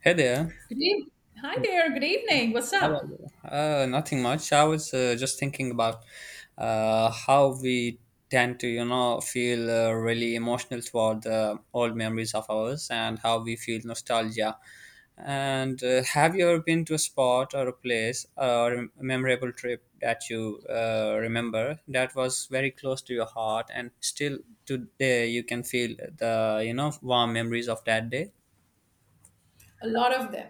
Hey there. Good evening. Hi there. Good evening. What's How are up? you? Nothing much. I was just thinking about how we tend to, you know, feel really emotional toward the old memories of ours and how we feel nostalgia. And have you ever been to a spot or a place or a memorable trip that you remember that was very close to your heart and still today you can feel the, you know, warm memories of that day? A lot of them.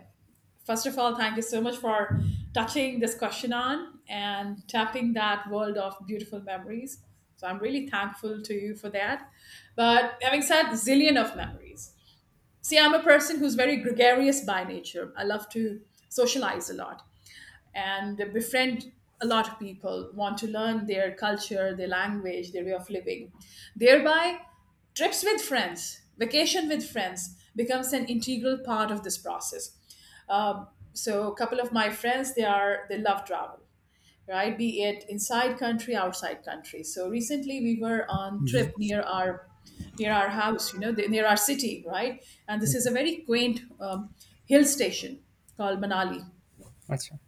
First of all, thank you so much for touching this question on and tapping that world of beautiful memories. So I'm really thankful to you for that. But having said zillion of memories, see, I'm a person who's very gregarious by nature. I love to socialize a lot and befriend a lot of people, want to learn their culture, their language, their way of living. Thereby, trips with friends, vacation with friends becomes an integral part of this process. So, a couple of my friends, they love travel, right? Be it inside country, outside country. So recently we were on Mm-hmm. trip near our house, near our city, right? And this is a very quaint hill station called Manali, That's right.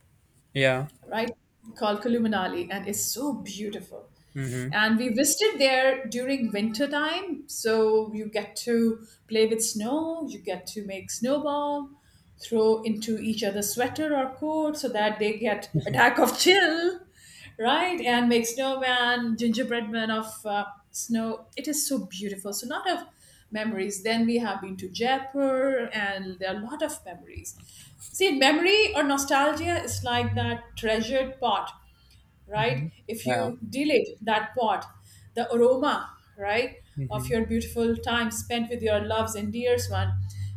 Yeah. right, called Kulu Manali. And it's so beautiful. Mm-hmm. And we visited there during winter time, so you get to play with snow, you get to make snowball, throw into each other's sweater or coat so that they get attack of chill, right? And make snowman, gingerbread man of snow. It is so beautiful. So lot of memories. Then we have been to Jaipur and there are a lot of memories. See, memory or nostalgia is like that treasured pot, right? Mm-hmm. If Yeah. you delay that pot, the aroma, right, of Mhm. your beautiful time spent with your loves and dears one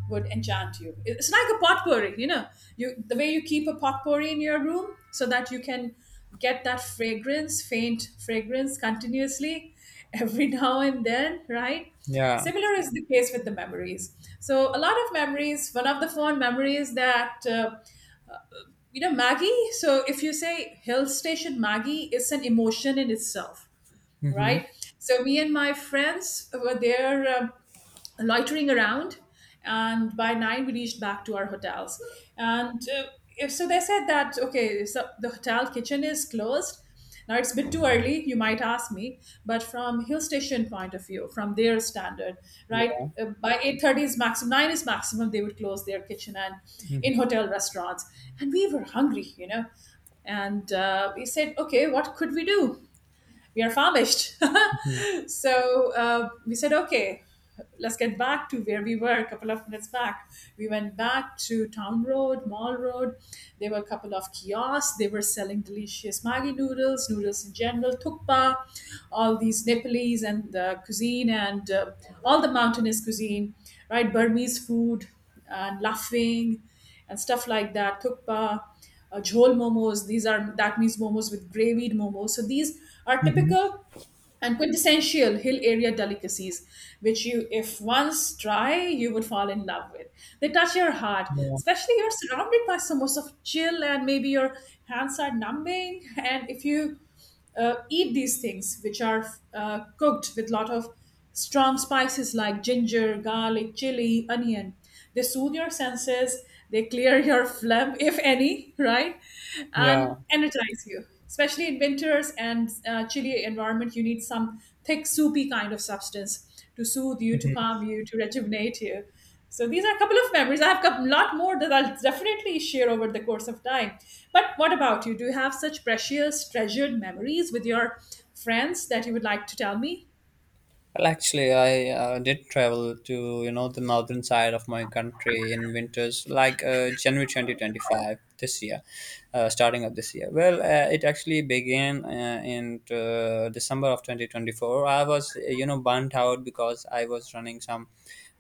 would enchant you. It's like a potpourri, you know. You the way you keep a potpourri in your room so that you can get that fragrance, faint fragrance continuously every now and then, right? Yeah. Similar is the case with the memories. So, a lot of memories. One of the fond memories that you know, Maggie, so if you say hill station Maggie, it's an emotion in itself, Mhm. right? So me and my friends were there. Loitering around, and by 9 we reached back to our hotels. And if so they said that okay, so the hotel kitchen is closed. Now it's a bit too early, you might ask me, but from hill station point of view, from their standard, right, Yeah. By 8:30 is maximum, 9 is maximum, they would close their kitchen and Mhm. in hotel restaurants. And we were hungry, you know, and we said, okay, what could we do? We are famished. So we said, okay, let's get back to where we were a couple of minutes back. We went back to Town Road, Mall Road. There were a couple of kiosks. They were selling delicious Maggi noodles, noodles in general, thukpa, all these Nepalese and the cuisine and all the mountainous cuisine, right? Burmese food and laughing and stuff like that, thukpa, jhol momos. These are that means momos with gravied momos. So these are Mhm. typical and quintessential hill area delicacies, which you, if once try, you would fall in love with. They touch your heart, Yeah. especially you're surrounded by samosas of chill, and maybe your hands are numbing. And if you eat these things, which are cooked with lot of strong spices like ginger, garlic, chili, onion, they soothe your senses, they clear your phlegm if any, right, and Yeah. energize you, especially in winters and chilly environment, you need some thick soupy kind of substance to soothe you, to Mhm. calm you, to rejuvenate you. So these are a couple of memories. I have a lot more that I'll definitely share over the course of time. But what about you? Do you have such precious treasured memories with your friends that you would like to tell me? Well, actually, I did travel to, you know, the northern side of my country in winters, like January 2025 this year, starting of this year. Well, it actually began in December of 2024. I was, you know, burnt out because I was running some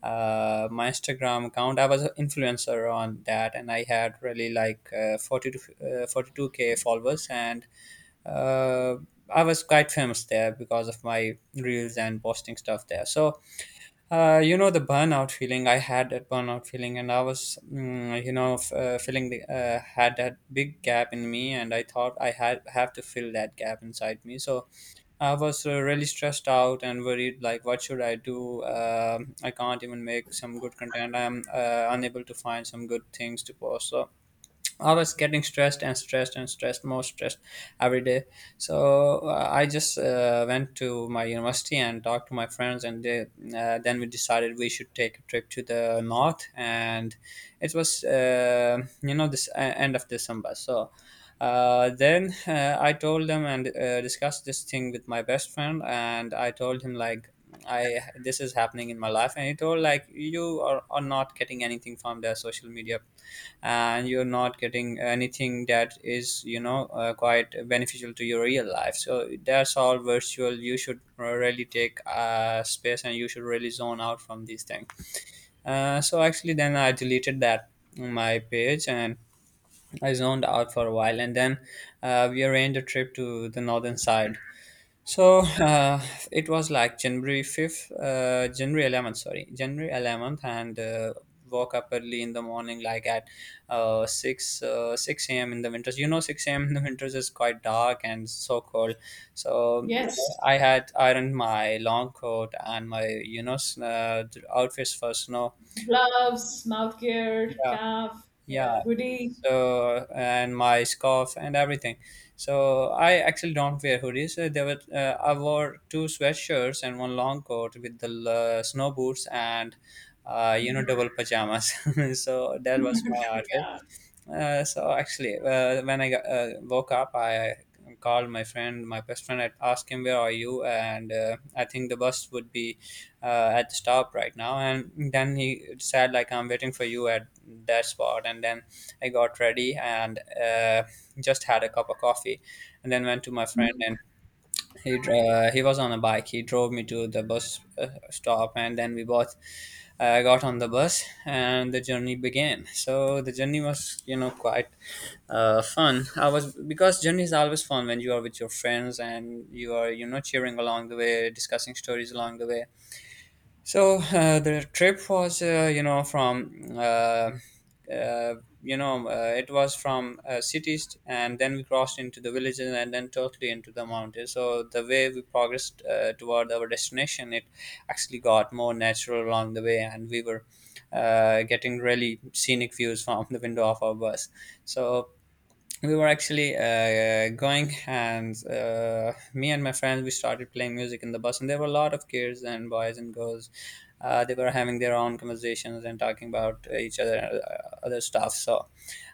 my Instagram account. I was an influencer on that, and I had really like 40 to 42K k followers, and uh, I was quite famous there because of my reels and posting stuff there. So, you know, the burnout feeling I had that burnout feeling, and I was, you know, feeling the, had that big gap in me, and I thought I had have to fill that gap inside me. So I was really stressed out and worried, like, what should I do? Um, I can't even make some good content. I'm unable to find some good things to post. So I was getting stressed and stressed and stressed, more stressed every day. So I just went to my university and talked to my friends, and then we decided we should take a trip to the north. And it was, you know, this end of December. So then I told them and discussed this thing with my best friend, and I told him like, I, this is happening in my life, and he told like, you are not getting anything from the social media, and you're not getting anything that is, you know, quite beneficial to your real life, so that's all virtual. You should really take space, and you should really zone out from these things. So actually then I deleted that, my page, and I zoned out for a while, and then we arranged a trip to the northern side. So it was like January 5th, January 11th, and woke up early in the morning, like at 6 a.m. in the winters. You know, 6 a.m. in the winters is quite dark and so cold. So Yes. I had ironed my long coat and my, you know, outfits for snow. Gloves, mouthgear, Yeah, calf, yeah, yeah, hoodie. so and my scarf and everything. So I actually don't wear hoodies. There were I wore two sweatshirts and one long coat with the snow boots and, you know, double pajamas. So that was my outfit. Yeah. So actually, when I woke up, I called my friend, my best friend. I asked him, "Where are you?" And I think the bus would be at the stop right now. And then he said, "Like, I'm waiting for you at that spot." And then I got ready and uh, just had a cup of coffee, and then went to my friend, and Mhm. He was on a bike. He drove me to the bus stop, and then we both got on the bus, and the journey began. So the journey was, you know, quite fun. I was because journey is always fun when you are with your friends and you are, you know, cheering along the way, discussing stories along the way. So the trip was, you know, from, uh, you know, it was from cities, and then we crossed into the villages, and then totally into the mountains. So the way we progressed toward our destination, it actually got more natural along the way, and we were getting really scenic views from the window of our bus. So we were actually going, and me and my friends, we started playing music in the bus, and there were a lot of kids and boys and girls. They were having their own conversations and talking about each other, other stuff. So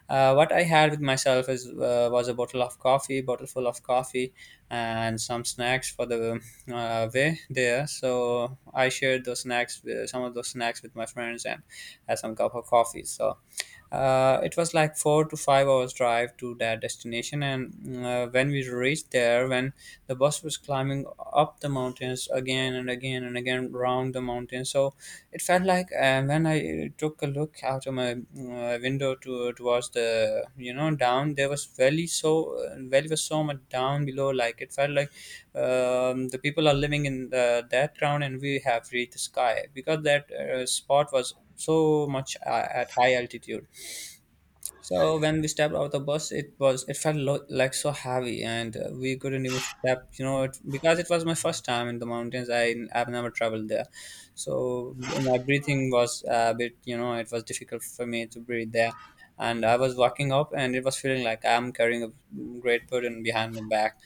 what I had with myself is, was a bottle of coffee, bottle full of coffee, and some snacks for the way there. So I shared those snacks with, some of those snacks with my friends, and had some cup of coffee. So it was like 4 to 5 hours drive to that destination, and when we reached there, when the bus was climbing up the mountains again and again and again, round the mountain. So it felt like, when I took a look out of my window to towards the, you know, down, there was valley. So valley was so much down below, like it felt like, the people are living in the, that ground, and we have reached the sky, because that spot was so much at high altitude. So when we stepped out of the bus, it felt like so heavy, and we couldn't even step. You know, it, because it was my first time in the mountains. I've never traveled there. So my breathing was a bit. You know, it was difficult for me to breathe there, and I was walking up, and it was feeling like I'm carrying a great burden behind my back.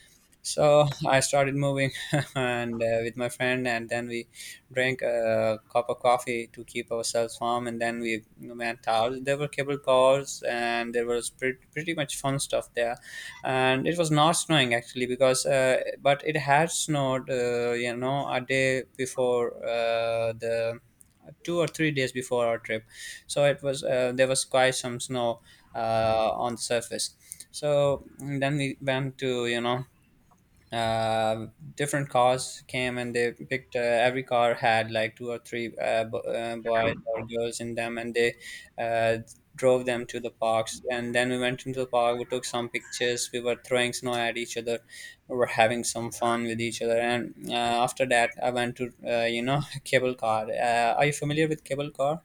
So I started moving, and with my friend, and then we drank a cup of coffee to keep ourselves warm, and then we went out. There were cable cars, and there was pretty, pretty much fun stuff there. And it was not snowing actually because, but it had snowed, you know, a day before the 2 or 3 days before our trip. So it was there was quite some snow on the surface. So and then we went to, you know, uh, different cars came, and they picked, every car had like two or three boys or girls in them, and they uh, drove them to the parks, and then we went into the park. We took some pictures, we were throwing snow at each other, we were having some fun with each other, and after that I went to, you know, cable car. Are you familiar with cable car?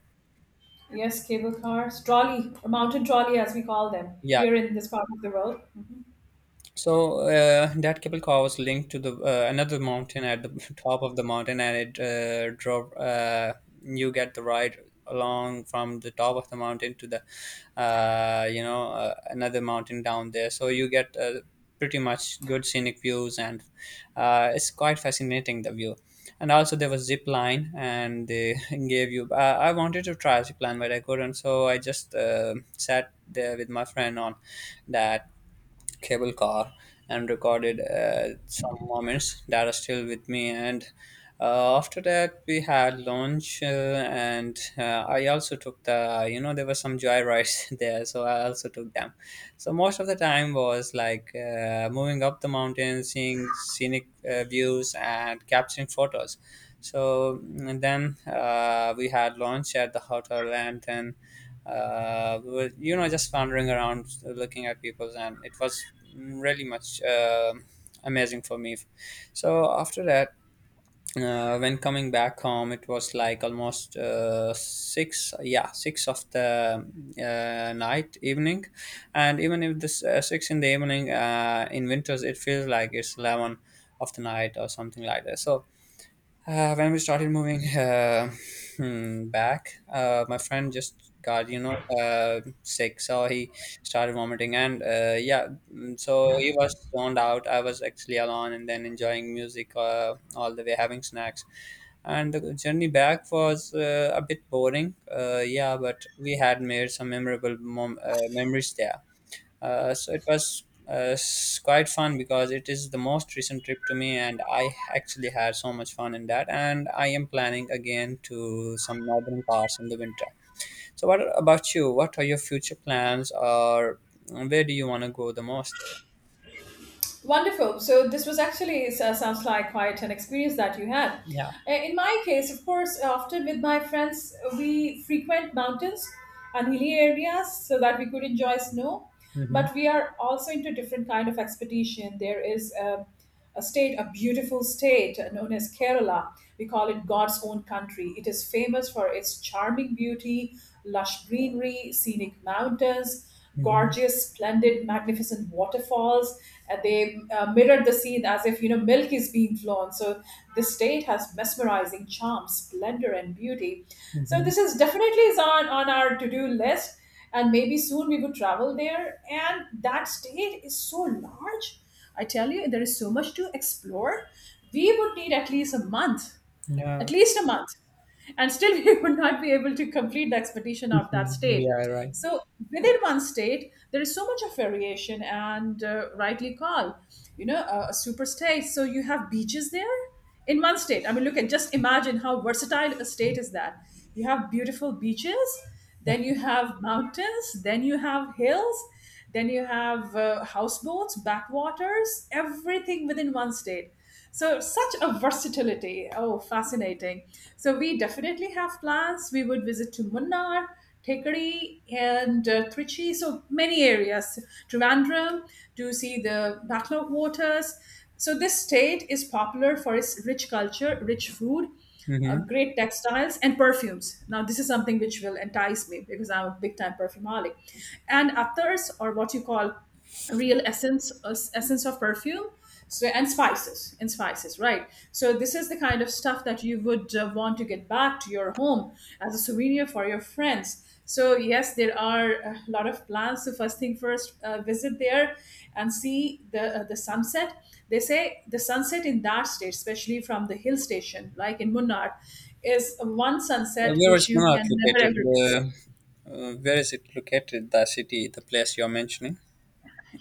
Yes, cable cars, trolley, or mountain trolley as we call them Yeah. here in this part of the world. So that cable car was linked to the another mountain at the top of the mountain, and it drove. You get the ride along from the top of the mountain to the, another mountain down there. So you get pretty much good scenic views, and it's quite fascinating, the view. And also there was zip line, and they gave you. I wanted to try zip line, but I couldn't, so I just sat there with my friend on that cable car and recorded some moments that are still with me. And after that, we had lunch, and I also took the, you know, there were some joy rides there, so I also took them. So most of the time was like moving up the mountain, seeing scenic views, and capturing photos. So and then we had lunch at the hotel, and then was, you know, just wandering around, looking at people, and it was really much amazing for me. So after that, when coming back home, it was like almost six, yeah, six of the night, evening. And even if this six in the evening in winters, it feels like it's 11 of the night or something like that. So when we started moving, back, my friend just got, you know, sick, so he started vomiting, and yeah, so he was zoned out. I was actually alone, and then enjoying music all the way, having snacks, and the journey back was a bit boring. Yeah, but we had made some memorable memories there. So it was quite fun because it is the most recent trip to me, and I actually had so much fun in that. And I am planning again to some northern parts in the winter. So, what about you? What are your future plans, or where do you want to go the most? Wonderful. So this was actually, sounds like quite an experience that you had. Yeah. In my case, of course, often with my friends, we frequent mountains and hilly areas so that we could enjoy snow. Mm-hmm. But we are also into different kind of expedition. There is a state, a beautiful state known as Kerala. We call it God's own country. It is famous for its charming beauty, lush greenery, scenic mountains, Mm-hmm. gorgeous, splendid, magnificent waterfalls. And they mirrored the scene as if, you know, milk is being flown. So this state has mesmerizing charm, splendor, and beauty. So Mm-hmm. this is definitely is on our to-do list. And maybe soon we would travel there. And that state is so large, I tell you, there is so much to explore. We would need at least a month, at Yeah. least a month, and still we would not be able to complete the expedition of that Mhm. state. Yeah. Right. So within one state, there is so much of variation, and rightly called, you know, a super state. So you have beaches there in one state. I mean, look at just imagine how versatile a state is that. You have beautiful beaches, then you have mountains, then you have hills, then you have houseboats, backwaters, everything within one state. So, such a versatility. Oh, fascinating. So, we definitely have plans. We would visit to Munnar, Tekari, and Trichy. So, many areas, Trivandrum, to see the backlog waters. So, this state is popular for its rich culture, rich food, Mm-hmm. great textiles and perfumes. Now, this is something which will entice me because I'm a big time perfumaholic. And others or what you call real essence, essence of perfume. So and spices, right? So this is the kind of stuff that you would want to get back to your home as a souvenir for your friends. So yes, there are a lot of plans. So first thing first, visit there and see the sunset. They say the sunset in that state, especially from the hill station, like in Munnar, is one sunset Where which is you Manat can never located? ever miss. Where is it located? The city, the place you're mentioning.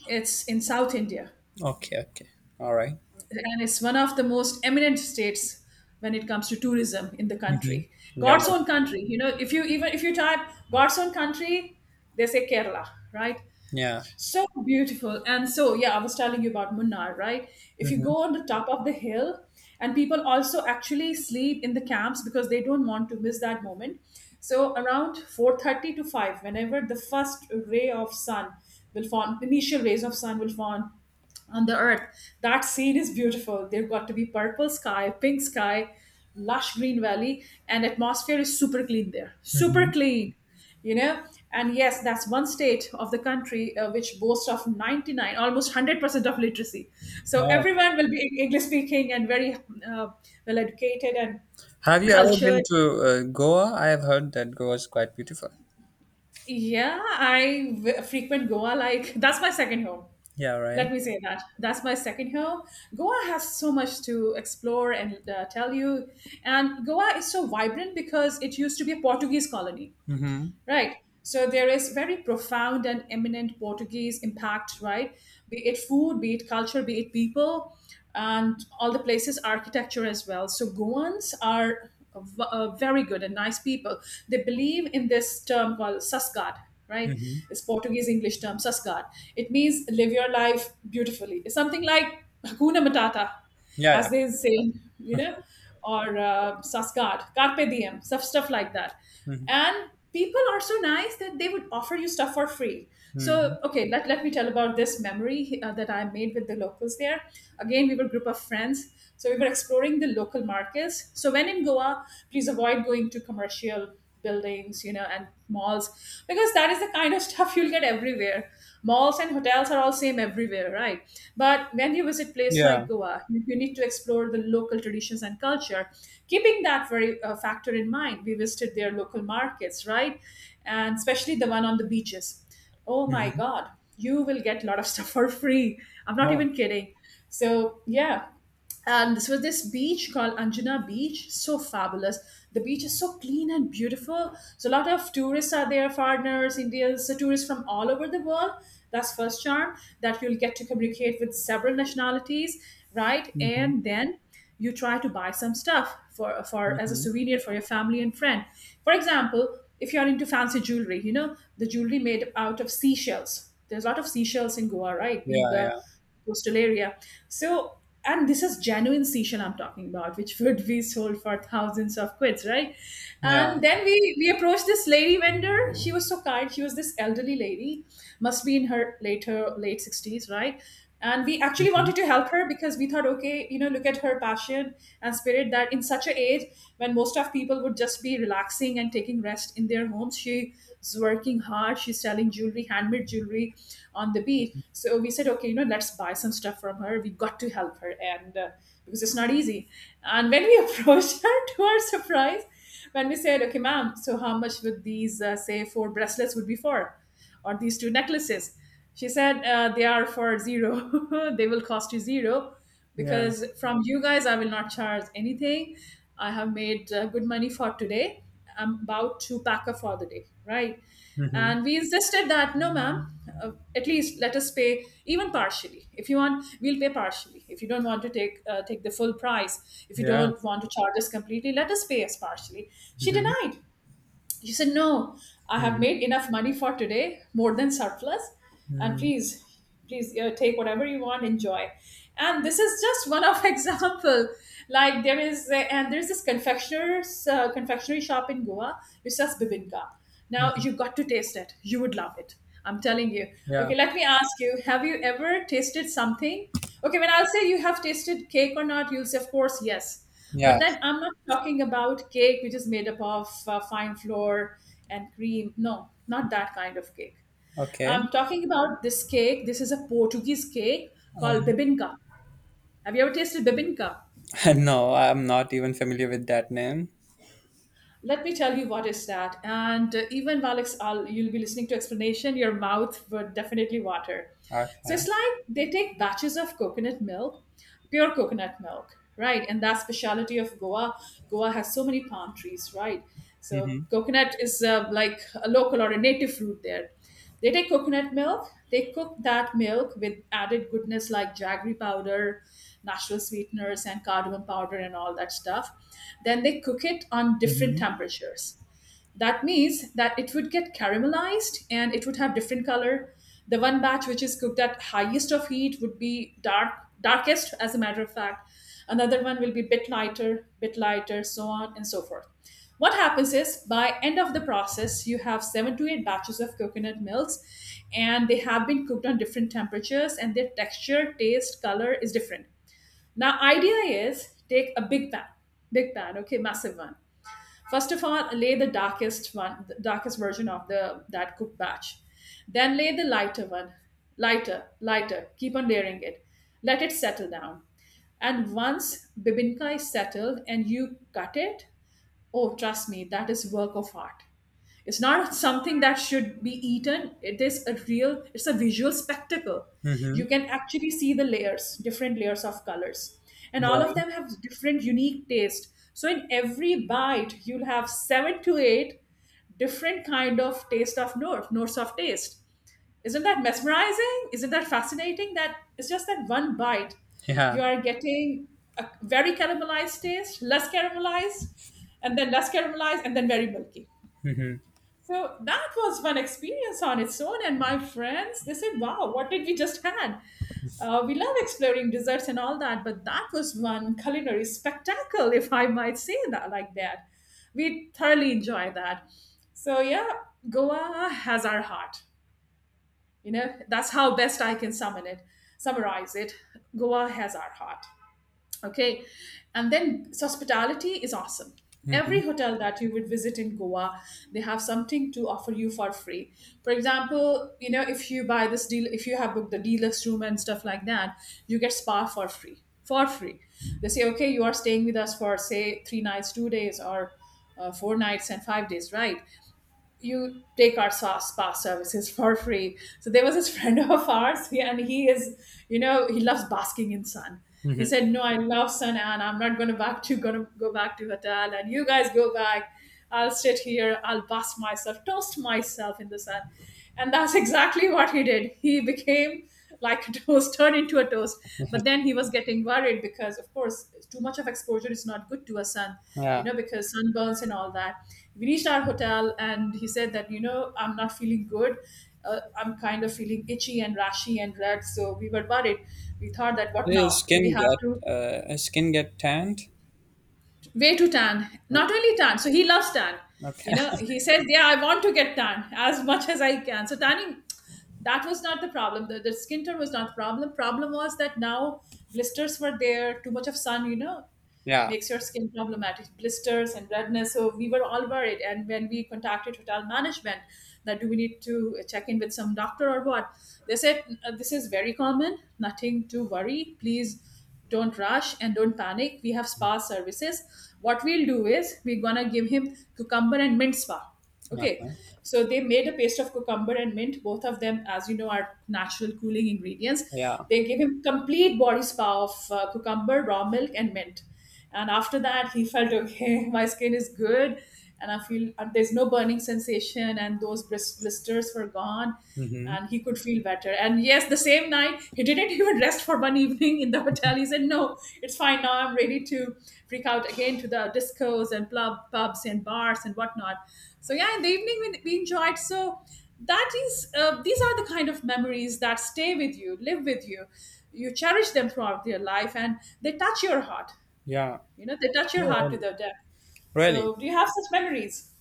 It's in South India, Okay. Okay. All right. and it's one of the most eminent states when it comes to tourism in the Mm-hmm. country. Yeah. God's Right. own country. You know, if you even if you type God's own country, they say Kerala, right? Yeah. So beautiful. And so, yeah, I was telling you about Munnar, right? If you Mhm, go on the top of the hill, and people also actually sleep in the camps because they don't want to miss that moment. So around 4:30 to 5, whenever the first ray of sun will form, initial rays of sun will form on the earth. That scene is beautiful. They've got to be purple sky, pink sky, lush green valley, and atmosphere is super clean there. Super mhm. clean, you know. And yes, that's one state of the country which boasts of 99, almost 100% of literacy. So Wow. everyone will be English speaking and very uh, well educated and Have you ever cultured. been to Goa? I have heard that Goa is quite beautiful. Yeah, I frequent Goa like that's my second home. Yeah, right. Let me say that. That's my second home. Goa has so much to explore and tell you. And Goa is so vibrant because it used to be a Portuguese colony, Mm-hmm. right? So there is very profound and eminent Portuguese impact, right? Be it food, be it culture, be it people, and all the places, architecture as well. So Goans are very good and nice people. They believe in this term called sasgad, right? Mm-hmm. It's Portuguese English term sasgad. It means live your life beautifully. It's something like Hakuna Matata, Yeah, yeah. as they say, you know, or Saskad, Carpe Diem, stuff like that. Mm-hmm. And people are so nice that they would offer you stuff for free. Mm-hmm. So, okay, let me tell about this memory that I made with the locals there. Again, we were a group of friends. So, we were exploring the local markets. So, when in Goa, please avoid going to commercial buildings, you know, and malls, because that is the kind of stuff you'll get everywhere. Malls and hotels are all same everywhere, right? But when you visit place Yeah. like Goa, you need to explore the local traditions and culture. Keeping that very factor in mind, we visited their local markets, right? And especially the one on the beaches. Oh my Mm-hmm. god, you will get a lot of stuff for free. I'm not Oh. even kidding, so yeah. And this was this beach called Anjuna Beach, so fabulous. The beach is so clean and beautiful. So a lot of tourists are there, foreigners, Indians, so tourists from all over the world. That's first charm that you'll get to communicate with several nationalities, right? Mm-hmm. And then you try to buy some stuff for as a Mm-hmm. souvenir for your family and friend. For example, if you are into fancy jewelry, you know, the jewelry made out of seashells, there's a lot of seashells in Goa, right? Being Yeah, a yeah. coastal area, so, and this is genuine seashell I'm talking about, which would be sold for thousands of quids, right? Yeah. And then we approached this lady vendor. She was so kind. She was this elderly lady, must be in her later late 60s, right? And we actually Mm-hmm. wanted to help her because we thought, okay, you know, look at her passion and spirit, that in such an age when most of people would just be relaxing and taking rest in their homes, she's working hard, she's selling jewelry, handmade jewelry on the beach. So we said, okay, you know, let's buy some stuff from her, we got to help her. And because it's not easy. And when we approached her, to our surprise, when we said, okay, ma'am, so how much would these say four bracelets would be for, or these two necklaces. She said, they are for zero. They will cost you zero, Yeah. because from you guys, I will not charge anything. I have made good money for today. I'm about to pack up for the day, right? Mm-hmm. And we insisted that, no, ma'am, at least let us pay even partially. If you want, we'll pay partially. If you don't want to take take the full price, if you Yeah. don't want to charge us completely, let us pay us partially. She Mm-hmm. denied. She said, no, I have Mm-hmm. made enough money for today, more than surplus. And Mm-hmm. please, please take whatever you want, enjoy. And this is just one of example. Like there is, and there's this confectioner's confectionery shop in Goa which sells bibinka. Now Mm-hmm. you've got to taste it. You would love it. I'm telling you. Yeah. Okay, let me ask you: have you ever tasted something? Okay, when I'll say you have tasted cake or not, you'll say, of course, yes. Yeah. But then I'm not talking about cake which is made up of fine flour and cream. No, not that kind of cake. Okay. I'm talking about this cake. This is a Portuguese cake Uh, called bibinca. Have you ever tasted bibinca? no, I'm not even familiar with that name. Let me tell you what is that. And even while I'll, you'll be listening to explanation, your mouth would definitely water. So Okay. it's like they take batches of coconut milk, pure coconut milk, right? And that's specialty of Goa. Goa has so many palm trees, right? So Mm-hmm. coconut is like a local or a native fruit there. They take coconut milk, they cook that milk with added goodness like jaggery powder, natural sweeteners, and cardamom powder, and all that stuff. Then they cook it on different Mm-hmm. temperatures. That means that it would get caramelized and it would have different color. The one batch which is cooked at highest of heat would be dark, darkest as a matter of fact. Another one will be bit lighter, bit lighter, so on and so forth. What happens is by end of the process you have 7 to 8 batches of coconut milks, and they have been cooked on different temperatures and their texture, taste, color is different. Now idea is, take a big pan, big pan, okay, massive one. First of all, lay the darkest one, the darkest version of the that cooked batch. Then lay the lighter one, lighter, lighter. Keep on layering it. Let it settle down. And once bibinka is settled and you cut it, oh, trust me, that is work of art. It's not something that should be eaten. It's a visual spectacle. Mm-hmm. You can actually see the layers, different layers of colors. And all of Yeah. them have different unique taste. So in every bite, you'll have 7 to 8 different kind of taste of notes of taste. Isn't that mesmerizing? Isn't that fascinating? That it's just that one bite, you Yeah. are getting a very caramelized taste, less caramelized, and then less caramelized, and then very milky. Mm-hmm. So that was one experience on its own. And my friends, they said, wow, what did we just had? We love exploring desserts and all that, but that was one culinary spectacle, if I might say that like that. We thoroughly enjoy that. So yeah, Goa has our heart. You know, that's how best I can summarize it. Goa has our heart. Okay. And then hospitality is awesome. Mm-hmm. Every hotel that you would visit in Goa, they have something to offer you for free. For example, you know, if you buy this deal, if you have booked the deluxe room and stuff like that, you get spa for free. For free. They say, okay, you are staying with us for, say, 3 nights, 2 days, or 4 nights and 5 days, right? You take our spa services for free. So there was this friend of ours, and he is, you know, he loves basking in sun. Mm-hmm. He said, "No, I love sun, and I'm not going to go back to hotel, and you guys go back. I'll sit here, I'll bask myself, toast myself in the sun." And that's exactly what he did. He became like a toast, turned into a toast. But then he was getting worried because, of course, too much of exposure is not good to a sun, you Yeah. know, because sunburns and all that. We reached our hotel and he said that, you know, I'm not feeling good. I'm kind of feeling itchy and rashy and red. So we were worried. We thought that what now? Do we have to Does skin get tanned? way to tan, Oh, not only tan, so he loves tan, okay. you know, he says, yeah, I want to get tan as much as I can. So tanning, that was not the problem. The skin tone was not the problem. Problem was that now blisters were there, too much of sun, you know, Yeah. makes your skin problematic, blisters and redness. So we were all worried. And when we contacted hotel management that do we need to check in with some doctor or what, they said, "This is very common, nothing to worry. Please don't rush and don't panic. We have spa services. What we'll do is we're gonna give him cucumber and mint spa." Yeah. Okay, so they made a paste of cucumber and mint. Both of them, as you know, are natural cooling ingredients. Yeah. They gave him complete body spa of cucumber, raw milk, and mint. And after that, he felt okay. My skin is good, and I feel, and there's no burning sensation, and those blisters were gone, Hmm. and he could feel better. And yes, the same night, he didn't even rest for one evening in the hotel. He said, no, it's fine now. I'm ready to freak out again to the discos and pubs and bars and whatnot. So, yeah, in the evening, we enjoyed. So, that is, these are the kind of memories that stay with you, live with you. You cherish them throughout your life and they touch your heart. Yeah. You know, they touch your Yeah, heart to really. the depth. Really. So, do you have such memories?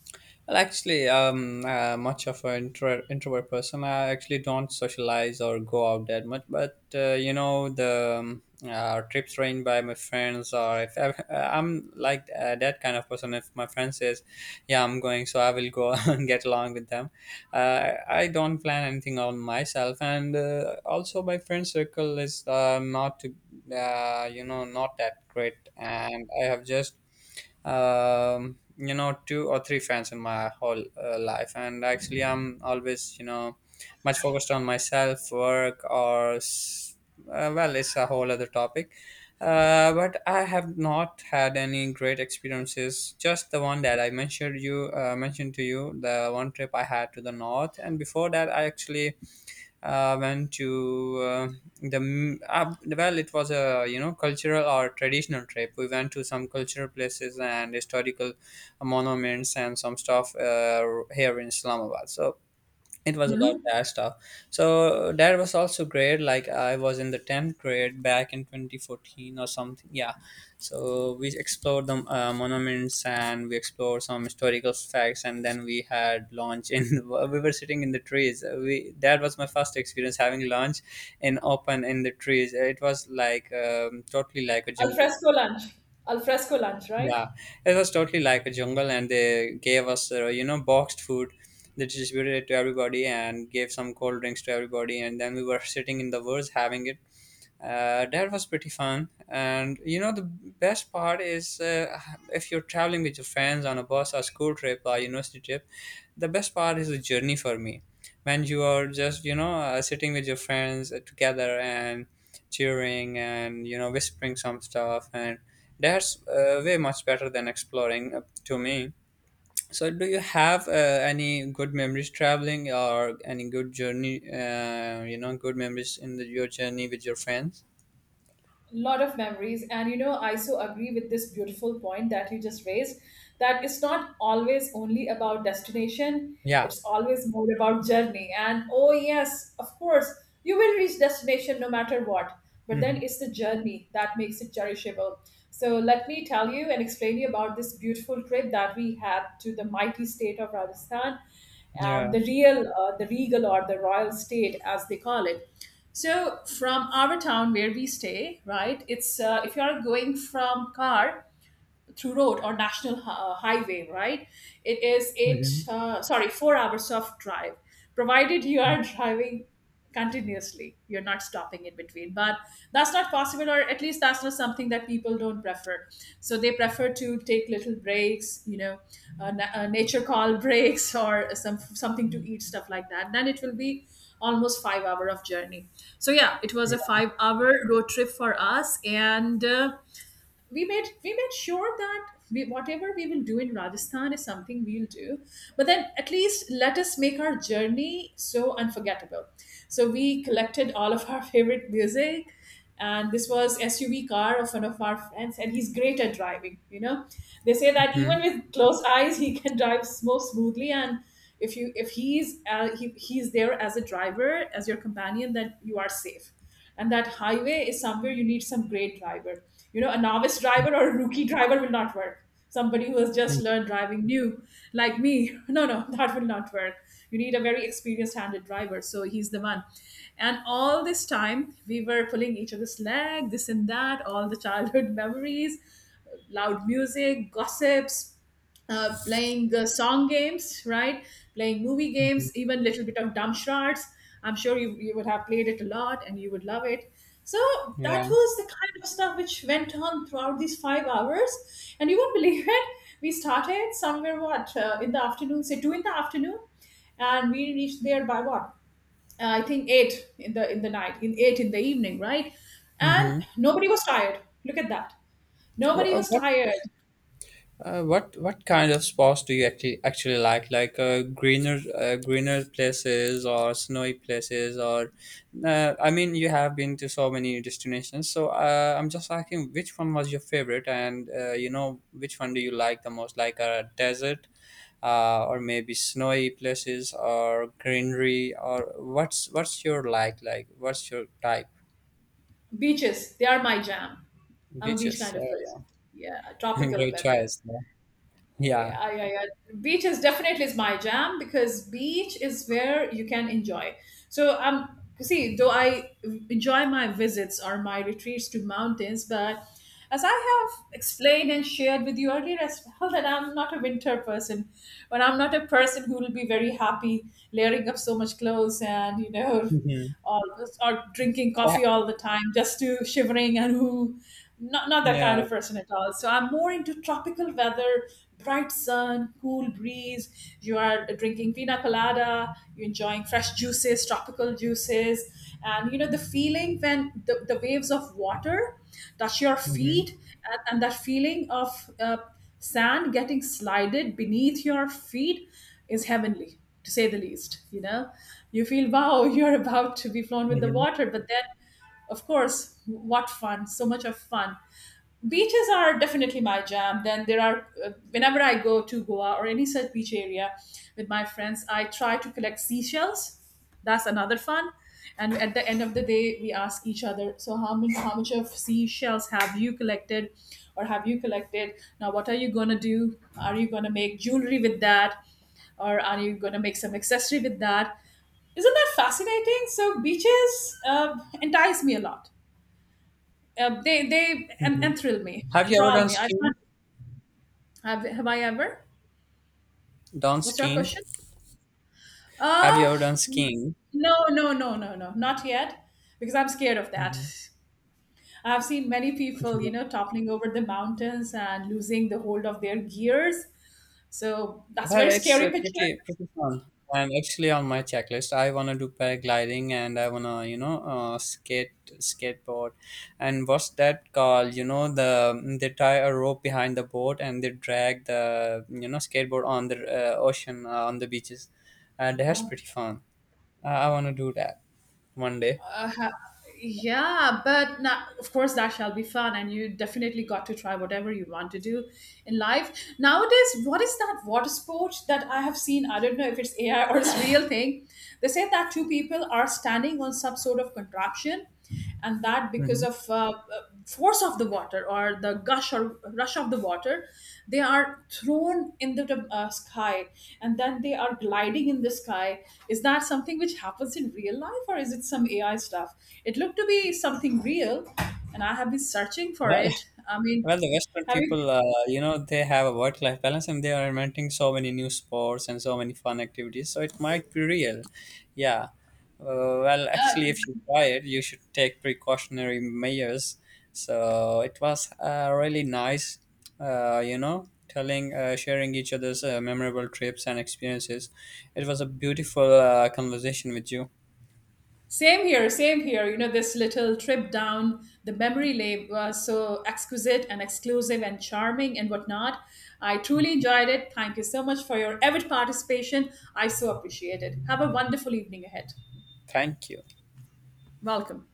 Well, actually, much of an introvert person. I actually don't socialize or go out that much. But you know, the trips arranged by my friends, or if I, I'm like that kind of person. If my friend says, "Yeah, I'm going," so I will go and get along with them. I don't plan anything on myself, and also my friend circle is not, to, you know, not that great, and I have just you know, two or three fans in my whole life. And actually, I'm always, you know, much focused on myself, work, well, it's a whole other topic. But I have not had any great experiences, just the one that I mentioned to you, the one trip I had to the north. And before that, I actually went to well, it was a, you know, cultural or traditional trip. We went to some cultural places and historical monuments and some stuff, here in Islamabad. So it was about Mm-hmm. that stuff. So that was also great. Like, I was in the tenth grade back in 2014 or something. Yeah. So we explored the monuments, and we explored some historical facts, and then we had lunch in. We were sitting in the trees. We That was my first experience having lunch in open in the trees. It was like totally like a Al jungle. fresco lunch. Al fresco lunch, right? Yeah, it was totally like a jungle, and they gave us, you know, boxed food. They distributed it to everybody and gave some cold drinks to everybody, and then we were sitting in the woods having it. That was pretty fun. And you know, the best part is, if you're traveling with your friends on a bus or school trip or university trip, the best part is the journey for me. When you are just, you know, sitting with your friends together and cheering and, you know, whispering some stuff. And that's way much better than exploring to me. So, do you have any good memories traveling or any good journey, you know, good memories in the, your journey with your friends? Lot of memories, and you know, I so agree with this beautiful point that you just raised, that it's not always only about destination, Yeah. it's always more about journey. And oh yes, of course, you will reach destination no matter what, but then Mhm. it's the journey that makes it cherishable. So let me tell you and explain you about this beautiful trip that we had to the mighty state of Rajasthan, and Yeah. the real, the regal or the royal state as they call it. So from our town where we stay, right? It's if you are going from car, through road or national highway, right? It is eight, sorry, 4 hours of drive, provided you are driving continuously. You're not stopping in between, but that's not possible, or at least that's not something that people don't prefer. So they prefer to take little breaks, you know, nature call breaks, or some something to eat, stuff like that. Then it will be almost 5 hour of journey. So yeah, it was Yeah. a 5 hour road trip for us, and. We made sure that we, whatever we will do in Rajasthan is something we'll do, but then at least let us make our journey so unforgettable. So we collected all of our favorite music, and this was SUV car of one of our friends, and he's great at driving. You know, they say that even Mhm. with closed eyes, he can drive more smoothly and. If he's he's there as a driver as your companion, then you are safe, and that highway is somewhere you need some great driver. You know, a novice driver or a rookie driver will not work, somebody who has just Mhm. learned driving new, like me. No, that will not work. You need a very experienced handed driver, so he's the one. And all this time we were pulling each other's leg, this and that, all the childhood memories, loud music, gossips, playing song games, right? Playing movie games, even little bit of dumb charts. I'm sure you would have played it a lot and you would love it. So that Yeah. was the kind of stuff which went on throughout these 5 hours. And you won't believe it. We started somewhere, what, in the afternoon, say two in the afternoon. And we reached there by what? I think eight in the night, in eight in the evening, right? And Hmm. nobody was tired. Look at that. Nobody was What tired. What kind of spots do you actually like? Like, greener places or snowy places, or I mean, you have been to so many destinations. So I'm just asking which one was your favorite, and you know, which one do you like the most? Like a desert, or maybe snowy places or greenery? Or what's your type? Beaches, they are my jam. I'm a beach Beaches. kind of person. Yeah, tropical Great weather. choice. Yeah. Yeah. Yeah, yeah, yeah. Beaches definitely is my jam, because beach is where you can enjoy. So see, though I enjoy my visits or my retreats to mountains, but as I have explained and shared with you earlier as well, that I'm not a winter person, but I'm not a person who will be very happy layering up so much clothes, and you know, Mhm. or drinking Yeah. coffee all the time just to shivering and who, not not that kind Yeah. of person at all. So I'm more into tropical weather, bright sun, cool breeze. You are drinking pina colada, you're enjoying fresh juices, tropical juices, and you know the feeling when the waves of water touch your Mhm. feet, and that feeling of sand getting slided beneath your feet is heavenly, to say the least. You know, you feel wow, you're about to be flown with the Mhm. water, but then of course, what fun, so much of fun. Beaches are definitely my jam. Then there are, whenever I go to Goa or any such beach area with my friends, I try to collect seashells. That's another fun. And at the end of the day, we ask each other, so how many, how much of seashells have you collected, or have you collected. Now what are you going to do? Are you going to make jewelry with that, or are you going to make some accessory with that? Isn't that fascinating? So beaches entice me a lot. Mhm. Enthrall me, Have you ever enthrall done me. I skiing? find- have I ever? Done What's your skiing? question? Have you Uh ever done skiing? no, no, no, no, no, not yet, because I'm scared of that. Mhm. I've seen many people, you know, toppling over the mountains and losing the hold of their gears. So that's a Well, very it's scary picture. Pretty fun. And actually, on my checklist, I wanna do paragliding, and I wanna, you know, skateboard. And what's that called? You know, the they tie a rope behind the boat, and they drag the, you know, skateboard on the ocean, on the beaches. And that's Yeah, pretty fun. I wanna do that one day. yeah, but now of course that shall be fun, and you definitely got to try whatever you want to do in life. Nowadays, what is that water sport that I have seen? I don't know if it's AI or it's real thing. They say that two people are standing on some sort of contraption, and that Hmm. because of force of the water, or the gush or rush of the water, they are thrown in the sky, and then they are gliding in the sky. Is that something which happens in real life, or is it some AI stuff? It looked to be something real, and I have been searching for Well, it. I mean, well, the Western have you? people, you know, they have a work-life balance, and they are inventing so many new sports and so many fun activities. So it might be real, yeah. Well, actually, if you try it, you should take precautionary measures. So it was really nice, sharing each other's memorable trips and experiences. It was a beautiful conversation with you. Same here, same here. You know, this little trip down the memory lane was so exquisite and exclusive and charming and whatnot. I truly enjoyed it. Thank you so much for your avid participation. I so appreciate it. Have a wonderful evening ahead. Thank you. Welcome.